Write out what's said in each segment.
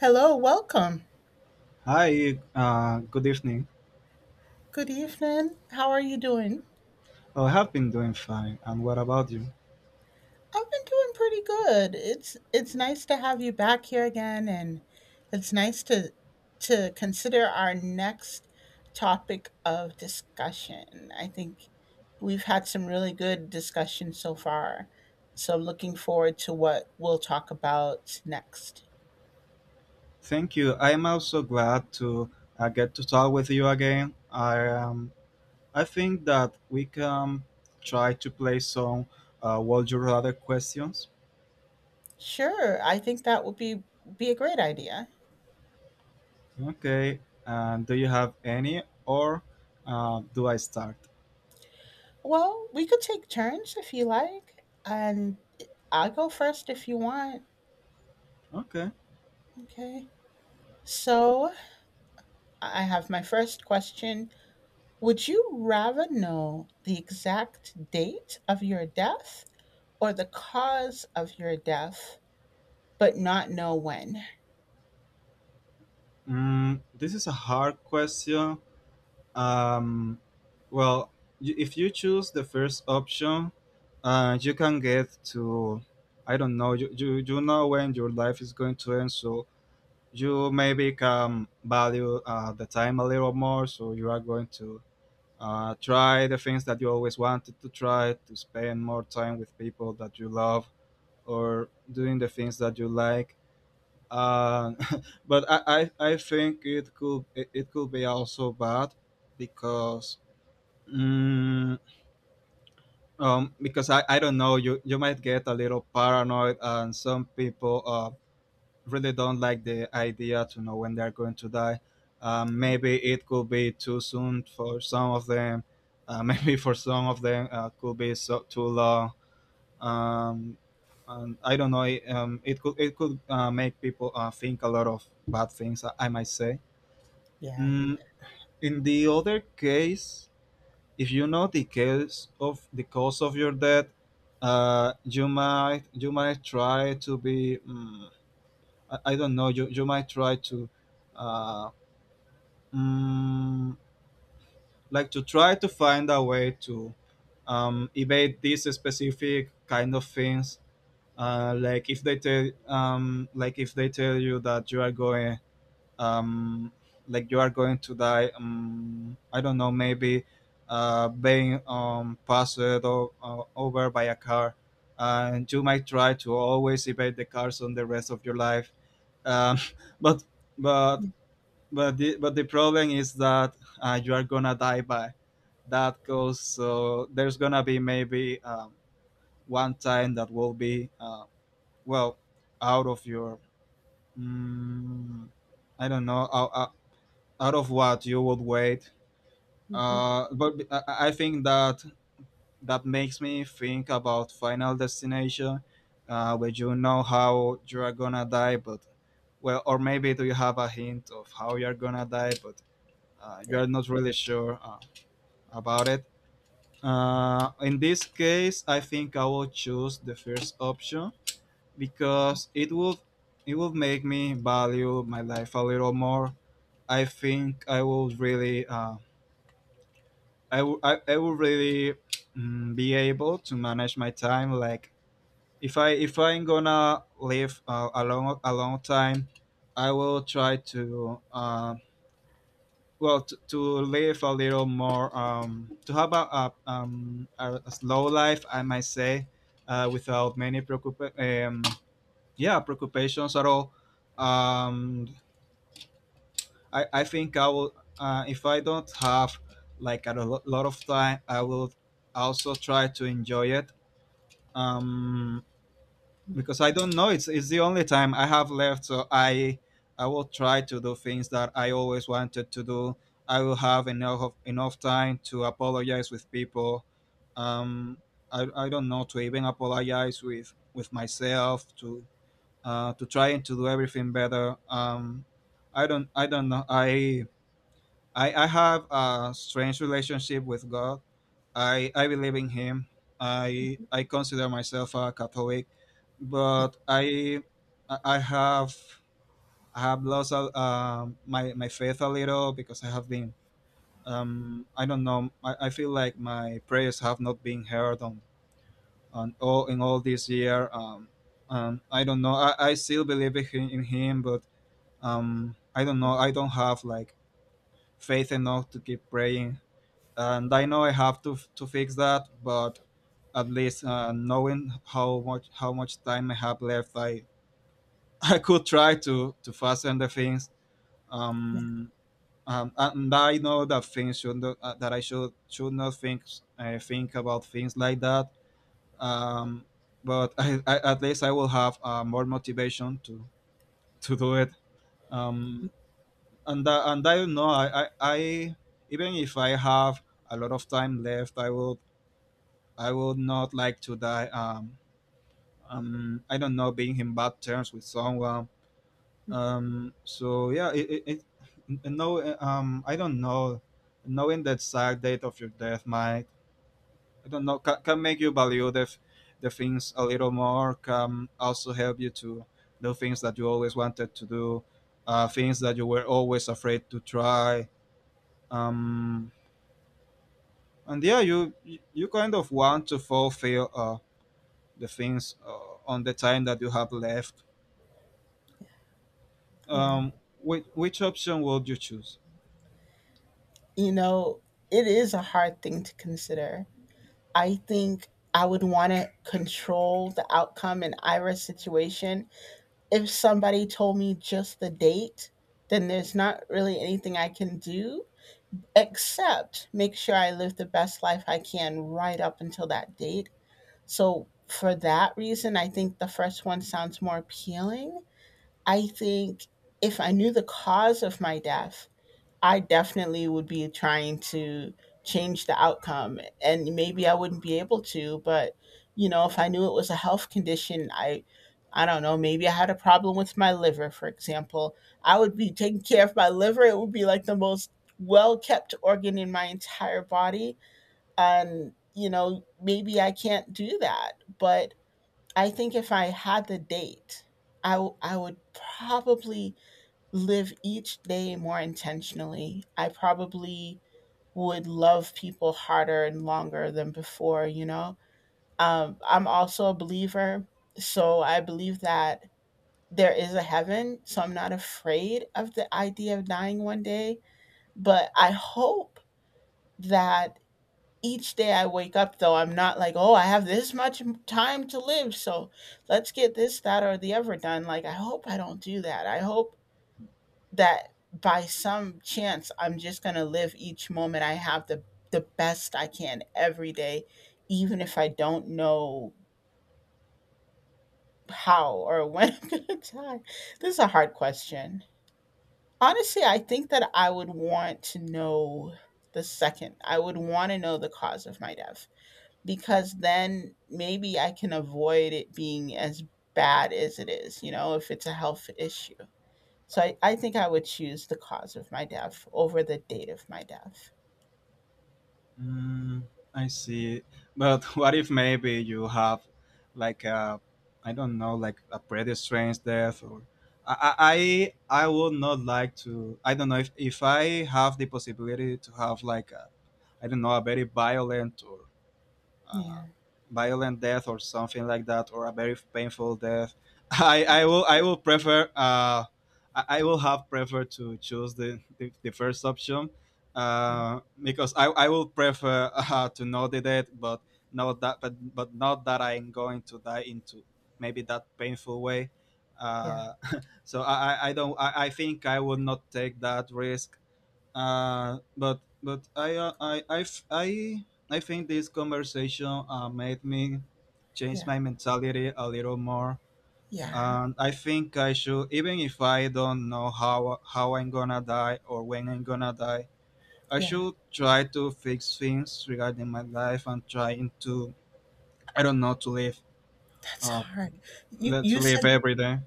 Hello, welcome. Hi, good evening. Good evening. How are you doing? Oh, I have been doing fine. And what about you? I've been doing pretty good. It's nice to have you back here again, and it's nice to consider our next topic of discussion. I think we've had some really good discussions so far. So I'm looking forward to what we'll talk about next. Thank you. I'm also glad to get to talk with you again. I think that we can try to play some Would You Rather questions. Sure, I think that would be a great idea. Okay. And do you have any, or do I start? Well, we could take turns if you like, and I'll go first if you want. Okay. Okay. So I have my first question. Would you rather know the exact date of your death, or the cause of your death, but not know when? Mm, this is a hard question. Um, well, if you choose the first option, you can get to, I don't know, you know when your life is going to end, so you maybe can value the time a little more, so you are going to try the things that you always wanted to try, to spend more time with people that you love, or doing the things that you like. Uh, but I think it it could be also bad because Mm, because I don't know, you might get a little paranoid, and some people really don't like the idea to know when they're going to die. Maybe it could be too soon for some of them. Yeah. Maybe for some of them, could be so too long. Um, and I don't know. It, it could make people think a lot of bad things, I might say. Yeah. Mm, in the other case, if you know the cause of your death, you might try to be I don't know, you might try to uh, mm, like to try to find a way to evade these specific kind of things. Like if they tell like if they tell you that you are going um, like you are going to die I don't know, maybe being over by a car, and you might try to always evade the cars on the rest of your life, um, but but but but the problem is that you are gonna die by that cause, so there's gonna be maybe one time that will be well, out of your mm, I don't know, out of what you would wait. Mm-hmm. But I think that that makes me think about Final Destination, where you know how you are gonna die, but well, or maybe do you have a hint of how you are gonna die, but you Yeah. are not really sure about it. In this case, I think I will choose the first option because it would make me value my life a little more. I think I would really. I will really be able to manage my time. Like if I'm gonna live a long time, I will try to well, to live a little more, to have a slow life, I might say, without many yeah, preoccupations at all. Um, I think I will, if I don't have like a lot of time, I will also try to enjoy it. Um, because I don't know, it's the only time I have left, so I will try to do things that I always wanted to do. I will have enough enough time to apologize with people. Um, I don't know, to even apologize with myself, to trying to do everything better. I don't know. I have a strange relationship with God. I believe in Him. I consider myself a Catholic, but I have, my faith a little, because I have been I don't know, I feel like my prayers have not been heard on all in all this year. I don't know. I still believe in, in Him, but I don't know. I don't have like faith enough to keep praying, and I know I have to fix that. But at least, knowing how much time I have left, I I could try to fasten the things. Yeah. Um, and I know that things should not, that I should not think about things like that. Um, but at least I will have more motivation to do it. Um, and and I don't know, I even if I have a lot of time left, I would not like to die. I don't know, being in bad terms with someone. So yeah, it n- no, I don't know. Knowing that sad date of your death might, I don't know, can make you value the things a little more. Can also help you to do things that you always wanted to do, things that you were always afraid to try. Um, and yeah, you kind of want to fulfill the things on the time that you have left, Yeah. um, which option would you choose? You know, it is a hard thing to consider. I think I would want to control the outcome in Ira's situation. If somebody told me just the date, then there's not really anything I can do except make sure I live the best life I can right up until that date. So, for that reason, I think the first one sounds more appealing. I think if I knew the cause of my death, I definitely would be trying to change the outcome, and maybe I wouldn't be able to, but you know, if I knew it was a health condition, I don't know, maybe I had a problem with my liver, for example. I would be taking care of my liver. It would be like the most well-kept organ in my entire body. And, you know, maybe I can't do that, but I think if I had the date, I would probably live each day more intentionally. I probably would love people harder and longer than before, you know? I'm also a believer, so I believe that there is a heaven, so I'm not afraid of the idea of dying one day. But I hope that each day I wake up, though, I'm not like, oh, I have this much time to live, so let's get this, that, or the other done. Like, I hope I don't do that. I hope that by some chance I'm just going to live each moment I have the best I can every day, even if I don't know how or when I'm going to die. This is a hard question. Honestly, I think that I would want to know the second. I would want to know the cause of my death, because then maybe I can avoid it being as bad as it is, you know, if it's a health issue. So I think I would choose the cause of my death over the date of my death. Mm, I see. But what if maybe you have like a, I don't know, like a pretty strange death, or I would not like to. I don't know if I have the possibility to have like a, I don't know, a very violent or uh, Yeah, violent death or something like that, or a very painful death, I will prefer, I will have prefer to choose the first option, yeah, because I will prefer to know the death, but not that, but not that I'm going to die into maybe that painful way. yeah, Uh, so I think I would not take that risk, but I think this conversation made me change yeah, my mentality a little more. yeah, And I think I should, even if I don't know how I'm gonna die or when I'm gonna die, I yeah. should try to fix things regarding my life, and trying to I don't know to live That's uh hard. You to you live said every day.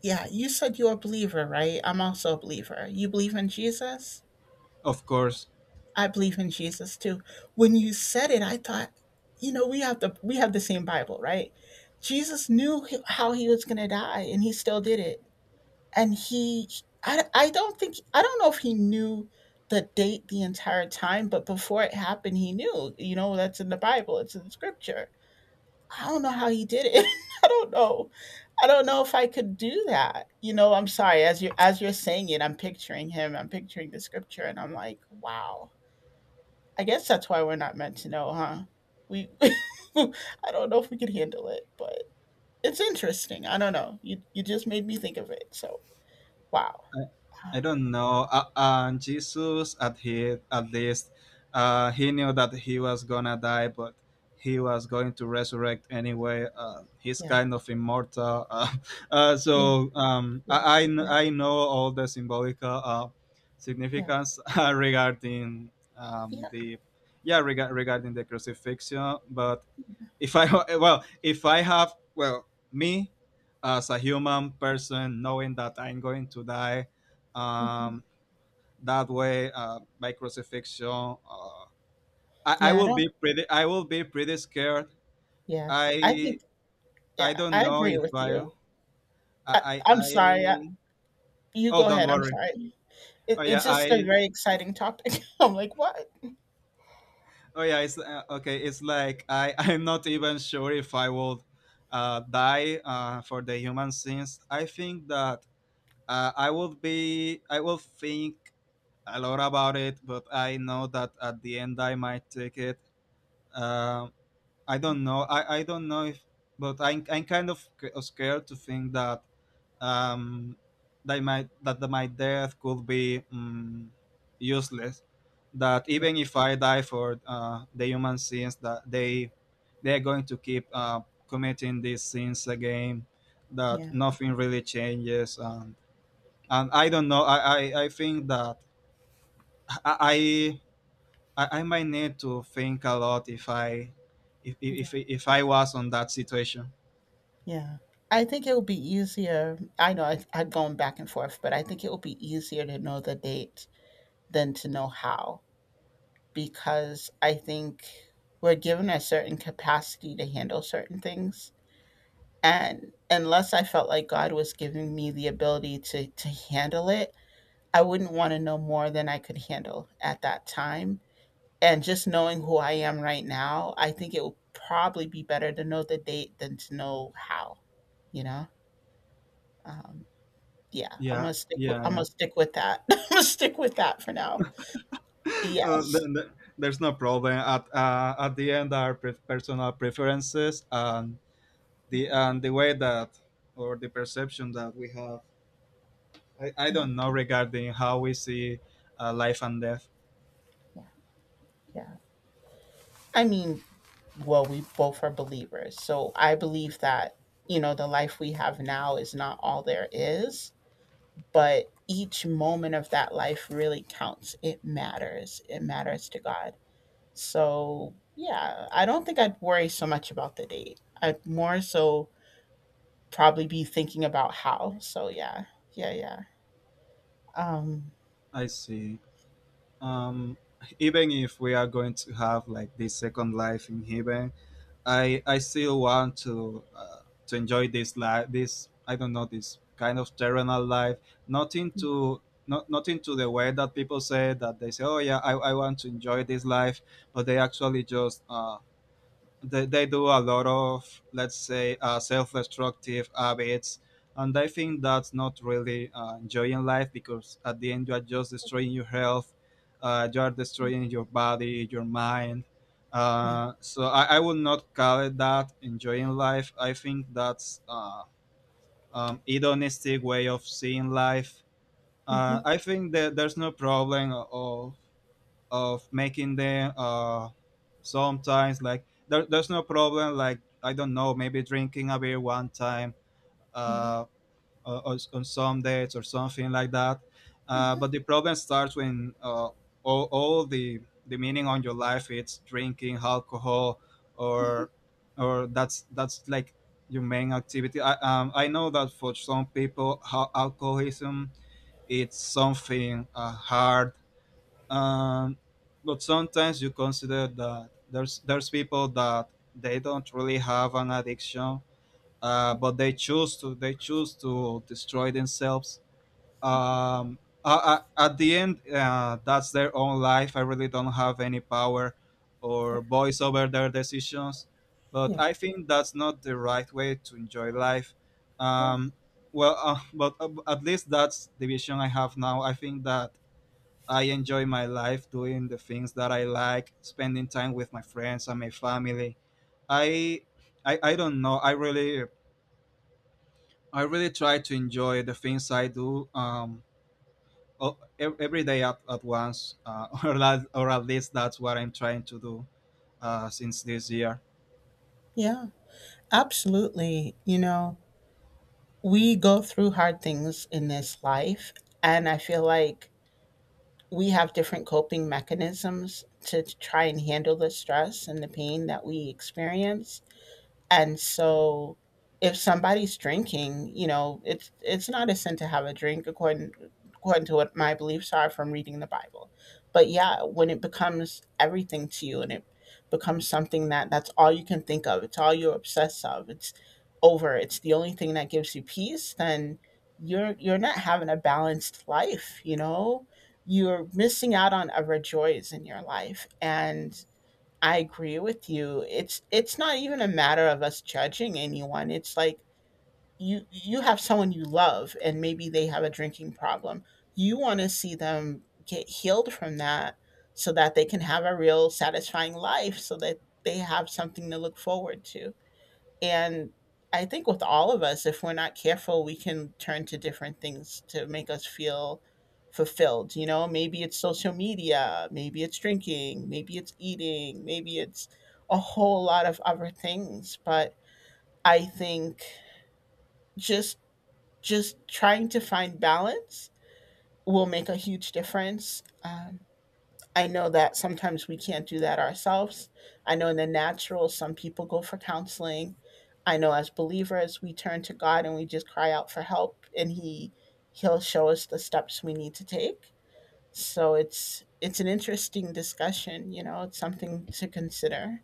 yeah, you said you're a believer, right? I'm also a believer. You believe in Jesus? Of course, I believe in Jesus too. When you said it, I thought, you know, we have the same Bible, right? Jesus knew how he was going to die, and he still did it. And he I don't think. I don't know if he knew the date the entire time, but before it happened, he knew, you know. That's in the Bible, it's in the scripture. I don't know how he did it. I don't know. I don't know if I could do that, you know. I'm sorry, as you 're saying it, I'm picturing him, I'm picturing the scripture, and I'm like, wow. I guess that's why we're not meant to know, huh? We I don't know if we could handle it, but it's interesting. I don't know, you just made me think of it, so wow. I, I don't know. Jesus, at he, at least, he knew that he was gonna die, but he was going to resurrect anyway. He's Yeah. kind of immortal. Yeah, yeah, I know all the symbolical yeah, significance regarding yeah. the yeah, regarding the crucifixion. But if I well, if I have, well, me as a human person, knowing that I'm going to die, Mhm. um, that way, by crucifixion, I Yeah, I will don't. be pretty. I will be pretty scared. Yeah, I I think. I Yeah, don't I know agree if with you. I, I'm sorry. I, I, you oh, go don't ahead. I'm worry. sorry. It, Oh yeah, it's just a I. very exciting topic. I'm like, what? Oh yeah, it's okay. It's like I I'm not even sure if I would die for the human sins. I think that I would be I will think a lot about it, but I know that at the end I might take it. Um I don't know. I don't know if, but I'm kind of scared to think that um that might, that my death could be useless. That Yeah, even if I die for the human sins, that they're going to keep committing these sins again. That yeah, nothing really changes. And I don't know, I think that I, I might need to think a lot if yeah, if I was on that situation. yeah. I think it will be easier. I know I'm going back and forth, but I think it will be easier to know the date than to know how, because I think we're given a certain capacity to handle certain things. And unless I felt like God was giving me the ability to handle it, I wouldn't want to know more than I could handle at that time. And just knowing who I am right now, I think it would probably be better to know the date than to know how, you know? Um, yeah, Yeah, yeah, I'm gonna yeah. stick with that. I'm gonna stick with that for now. uh, Yes. th- th- there's no problem. At the end are pre- personal preferences, and Yeah, the way that, or the perception that we have, I yeah, don't know, regarding how we see life and death. yeah, yeah. I mean, well, we both are believers. So I believe that, you know, the life we have now is not all there is, but each moment of that life really counts. It matters. It matters to God. So, yeah, I don't think I'd worry so much about the date. I'd more so probably be thinking about how. So, yeah, yeah, yeah. Um, I see. Um, even if we are going to have like this second life in heaven, I still want to enjoy this life. This, I don't know, this kind of terrenal life. Nothing to Not nothing to the way that they say, oh yeah, I want to enjoy this life, but they actually just they do a lot of, let's say, self-destructive habits. And I think that's not really enjoying life, because at the end you are just destroying your health, you are destroying your body, your mind. yeah. So, I would not call it that enjoying life. I think that's hedonistic way of seeing life. Hmm. I think that there's no problem of making them, sometimes, like, there's no problem, like, I don't know, maybe drinking a beer one time Hmm. uh, on some dates or something like that. But Hmm. the problem starts when, all the meaning on your life, it's drinking alcohol, Hmm. or or that's like your main activity. I know that for some people, alcoholism, it's something hard. um, but sometimes you consider that there's people that they don't really have an addiction, but they choose to destroy themselves. um, at the end, that's their own life. I really don't have any power Yeah, or voice over their decisions. But yeah, I think that's not the right way to enjoy life. yeah, um, well, but at least that's the vision I have now. I think that I enjoy my life doing the things that I like, spending time with my friends and my family. I I don't know. I really try to enjoy the things I do, every day, at once, or, at least that's what I'm trying to do, since this year. yeah. Absolutely. You know, we go through hard things in this life, and I feel like we have different coping mechanisms to try and handle the stress and the pain that we experience. And so if somebody's drinking, you know, it's not a sin to have a drink according to what my beliefs are from reading the Bible. But yeah, when it becomes everything to you and it becomes something that that's all you can think of, it's all you're obsessed of, it's over, it's the only thing that gives you peace, then you're not having a balanced life, you know? You're missing out on other joys in your life. And I agree with you. It's not even a matter of us judging anyone. It's like you have someone you love, and maybe they have a drinking problem. You want to see them get healed from that, so that they can have a real satisfying life, so that they have something to look forward to. And I think with all of us, if we're not careful, we can turn to different things to make us feel fulfilled. You know, maybe it's social media, maybe it's drinking, maybe it's eating, maybe it's a whole lot of other things. But I think just just trying to find balance will make a huge difference. I know that sometimes we can't do that ourselves. I know in the natural, some people go for counseling. I know as believers, we turn to God and we just cry out for help, and he He'll show us the steps we need to take. So it's an interesting discussion. You know, it's something to consider.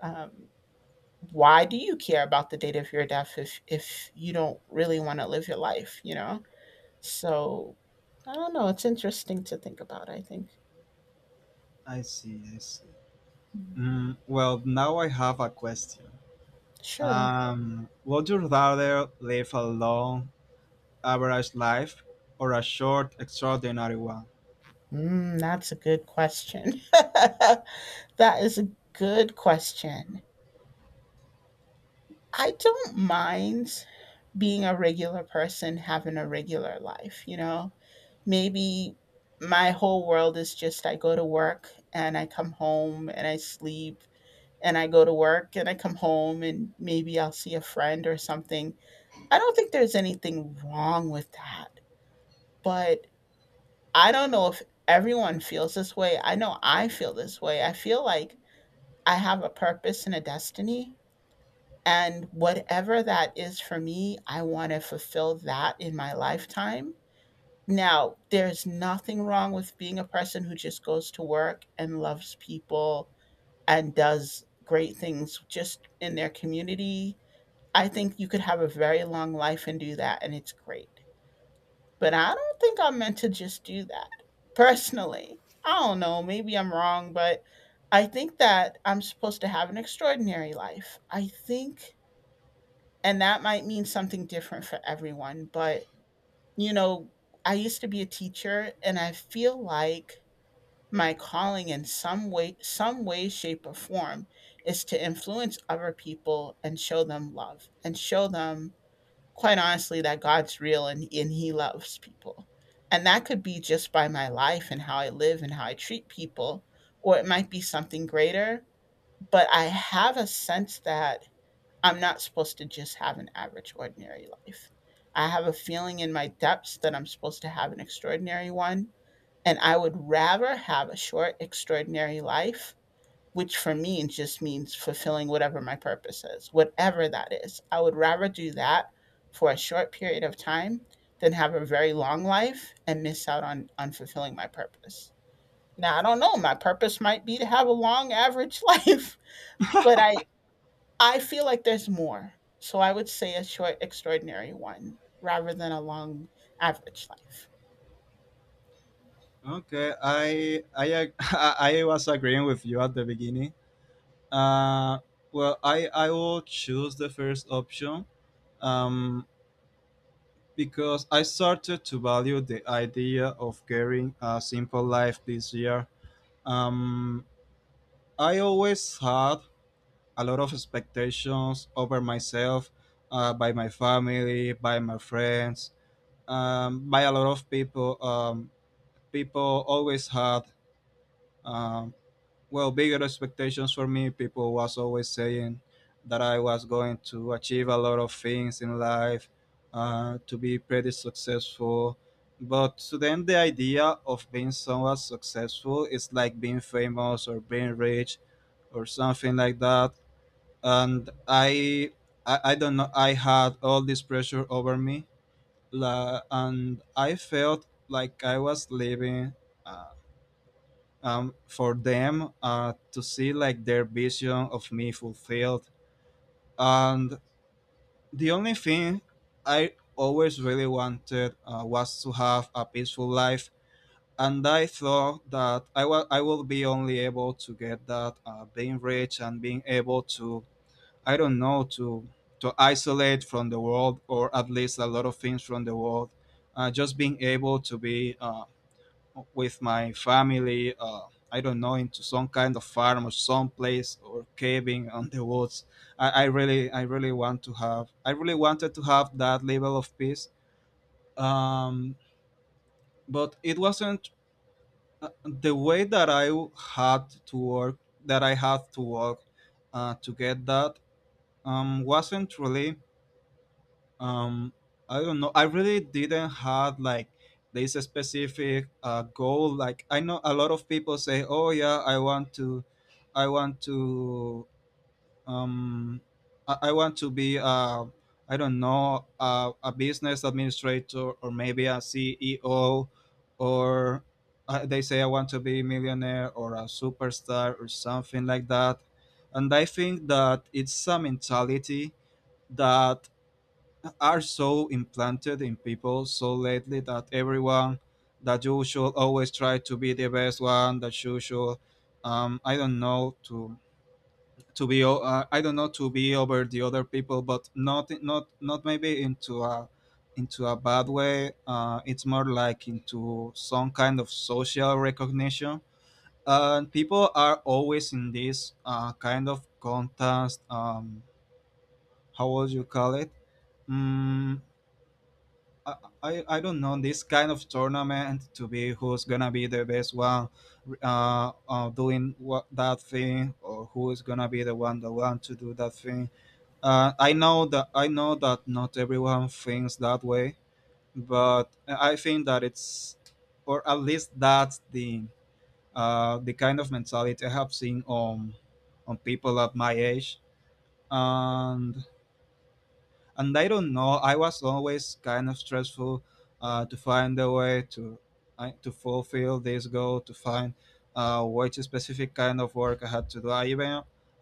Um, why do you care about the date of your death if you don't really want to live your life? You know, so I don't know. It's interesting to think about. I think I see, I see. Well, now I have a question. sure. Would you rather live a long, average life, or a short, extraordinary one? Mm, that's a good question. That is a good question. I don't mind being a regular person, having a regular life, you know? Maybe my whole world is just I go to work and I come home and I sleep, and I go to work and I come home and maybe I'll see a friend or something. I don't think there's anything wrong with that, but I don't know if everyone feels this way. I know I feel this way. I feel like I have a purpose and a destiny. And whatever that is for me, I want to fulfill that in my lifetime. Now, there's nothing wrong with being a person who just goes to work and loves people and does great things just in their community. I think you could have a very long life and do that, and it's great. But I don't think I'm meant to just do that. Personally, I don't know. Maybe I'm wrong, but I think that I'm supposed to have an extraordinary life. I think, and that might mean something different for everyone. But, you know, I used to be a teacher and I feel like my calling, in some way, shape, or form, is to influence other people and show them love and show them quite honestly that God's real, and he loves people. And that could be just by my life and how I live and how I treat people, or it might be something greater, but I have a sense that I'm not supposed to just have an average ordinary life. I have a feeling in my depths that I'm supposed to have an extraordinary one, and I would rather have a short extraordinary life, which for me just means fulfilling whatever my purpose is, whatever that is. I would rather do that for a short period of time than have a very long life and miss out on, fulfilling my purpose. Now, I don't know, my purpose might be to have a long average life, but I feel like there's more. So I would say a short, extraordinary one rather than a long average life. Okay, I was agreeing with you at the beginning. Well, I will choose the first option. Um, because I started to value the idea of carrying a simple life this year. Um, I always had a lot of expectations over myself, by my family, by my friends, by a lot of people. People always had, um well, bigger expectations for me. People was always saying that I was going to achieve a lot of things in life, to be pretty successful. But, to them, the idea of being somewhat successful is like being famous or being rich or something like that. And I don't know, I had all this pressure over me, and I felt like I was living, for them, to see like their vision of me fulfilled. And the only thing I always really wanted, was to have a peaceful life. And I thought that I will be only able to get that, being rich and being able to, I don't know, to isolate from the world, or at least a lot of things from the world. Just being able to be, with my family. I don't know, into some kind of farm, or some place, or caving on the woods. I really wanted to have that level of peace. Um, but it wasn't, the way that had to work. That I had to work, to get that, wasn't really, um I don't know, I really didn't have like this specific goal. Like, I know a lot of people say, oh yeah, I want to, um I want to be, I don't know, a business administrator, or maybe a CEO, or, they say I want to be a millionaire, or a superstar, or something like that. And I think that it's a mentality that are so implanted in people so lately, that everyone, that you should always try to be the best one, that you should, I don't know, to be I don't know, to be over the other people, but not not not maybe into a bad way. It's more like into some kind of social recognition, and people are always in this, kind of contest. How would you call it? Mm, I, I don't know, this kind of tournament to be who's gonna be the best one, doing what, that thing, or who is gonna be the one that want to do that thing. I know that not everyone thinks that way, but I think that it's, or at least that's the kind of mentality I have seen on people at my age. And, I don't know, I was always kind of stressful, to find a way to, I to fulfill this goal, to find, which specific kind of work I had to do.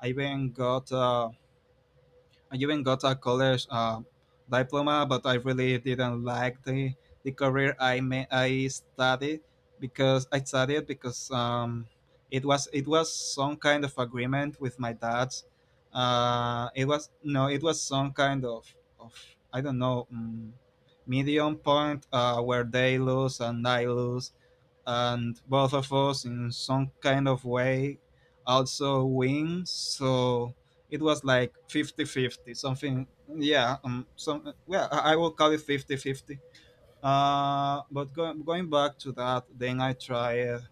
I even got uh, I even got a college, diploma, but I really didn't like the career I studied. Because I studied because, it was some kind of agreement with my dad's. It was, no, it was some kind of, I don't know, medium point, where they lose and I lose, and both of us in some kind of way also win. So it was like fifty-fifty. Something. Yeah. Some Well, I will call it fifty-fifty. But going back to that, then I tried,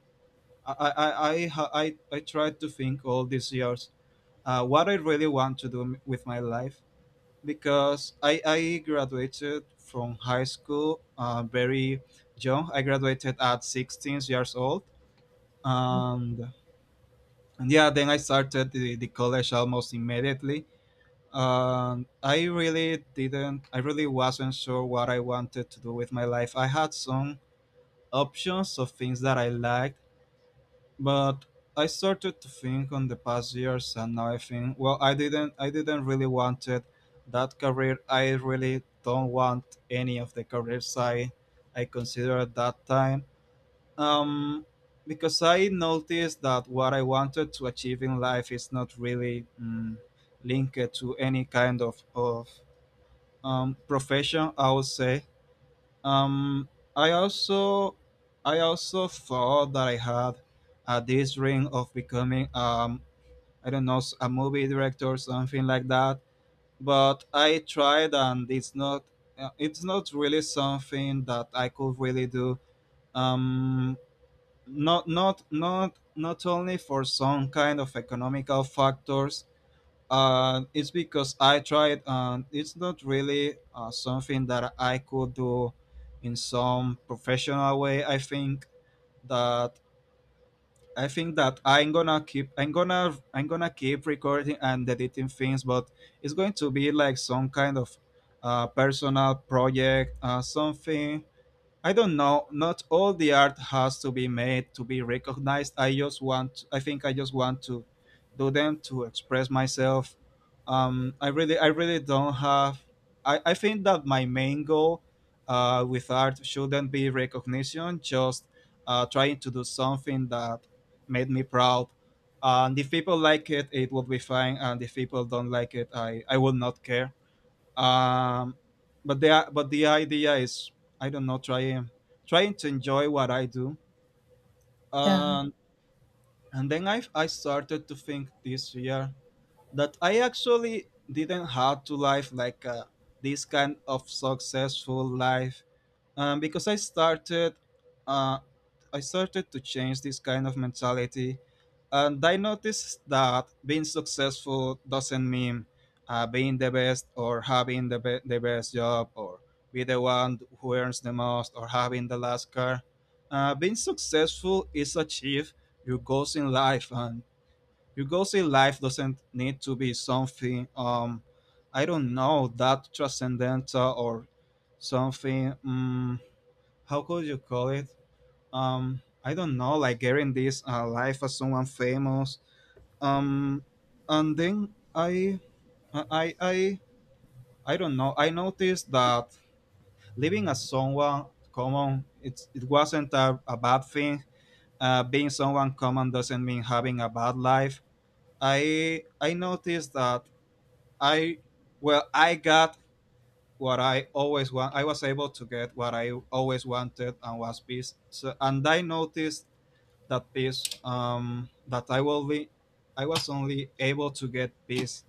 I ha- I tried to think all these years, what I really want to do, with my life. Because I graduated from high school, very young. I graduated at 16 years old, and, and yeah, then I started the college almost immediately. And I really wasn't sure what I wanted to do with my life. I had some options of things that I liked, but I started to think on the past years, and now I think, well, I didn't really wanted that career. I really don't want any of the careers I considered at that time, um, because I noticed that what I wanted to achieve in life is not really, linked to any kind of, profession, I would say. Um, I also I also thought that I had, this dream of becoming, I don't know, a movie director or something like that. But I tried, and it's not, it's not really something that I could really do. Um, Not only for some kind of economical factors, it's because I tried, and it's not really, something that I could do in some professional way. I think that I'm gonna keep recording and editing things, but it's going to be like some kind of, personal project, something. I don't know. Not all the art has to be made to be recognized. I think I just want to do them to express myself. I really don't have. I think that my main goal, with art shouldn't be recognition. Just, trying to do something that made me proud. And if people like it will be fine. And if people don't like it, I will not care, um, but the idea is, I don't know, trying, to enjoy what I do. Yeah. And and then I started to think this year that I actually didn't have to live like, this kind of successful life, because uh, I started to change this kind of mentality. And I noticed that being successful doesn't mean, being the best, or having the best job, or be the one who earns the most, or having the last car. Being successful is achieve your goals in life, and your goals in life doesn't need to be something, I don't know, that transcendental, or something. How could you call it? I don't know, like getting this, life as someone famous. Um, and then, I, I, I don't know. I noticed that living as someone common, it wasn't a bad thing. Being someone common doesn't mean having a bad life. I noticed that, I, well, I got what I always want. I was able to get what I always wanted, and was peace. So, and I noticed that piece, that I will be I was only able to get this,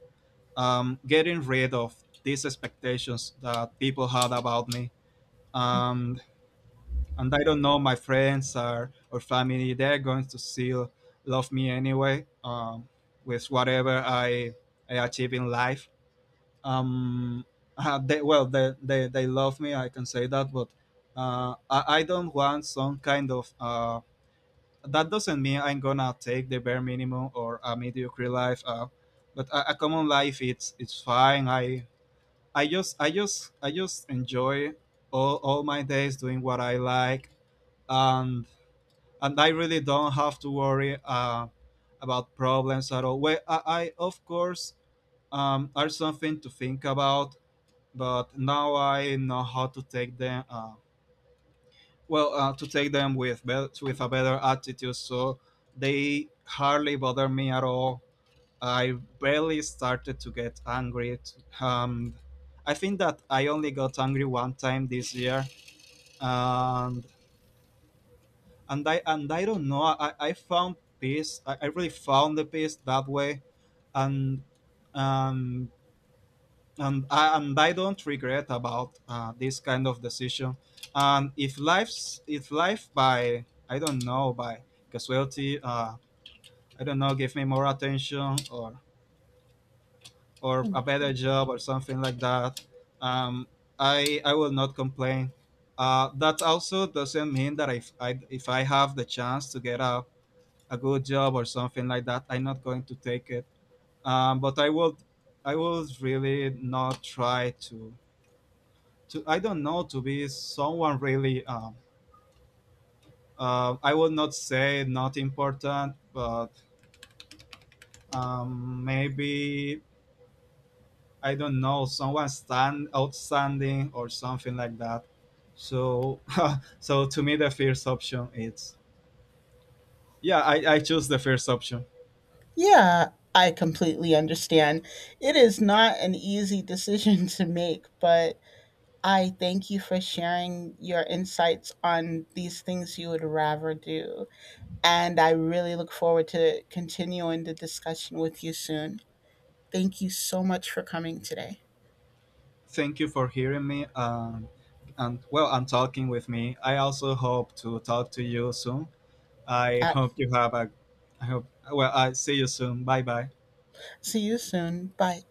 getting rid of these expectations that people had about me. And and I don't know, my friends, or, family, they're going to still love me anyway, with whatever I achieve in life. um, well, they love me, I can say that. But, I don't want some kind of, that doesn't mean I'm gonna take the bare minimum or a mediocre life. But a common life, it's fine. I just enjoy all my days doing what I like. And and I really don't have to worry, about problems at all. Well, I of course, are something to think about, but now I know how to take them. Well, to take them with, bet with a better attitude, so they hardly bother me at all. I barely started to get angry. I think that I only got angry one time this year. And and i and i don't know i, I found peace. I really found the peace that way. And um, and I don't regret about, this kind of decision. And if life, by I don't know, by casualty, I don't know, give me more attention, or, a better job or something like that, um, I will not complain. That also doesn't mean that if I have the chance to get a good job or something like that, I'm not going to take it. But I would really not try to I don't know, to be someone really. I would not say not important, but, maybe I don't know, someone, stand outstanding, or something like that. So to me the first option is, yeah, I choose the first option. Yeah, I completely understand. It is not an easy decision to make, but I thank you for sharing your insights on these things you would rather do. And I really look forward to continuing the discussion with you soon. Thank you so much for coming today. Thank you for hearing me, and well, and talking with me. I also hope to talk to you soon. I Uh, hope you have a I hope, well, I see you soon. Bye bye. See you soon. Bye.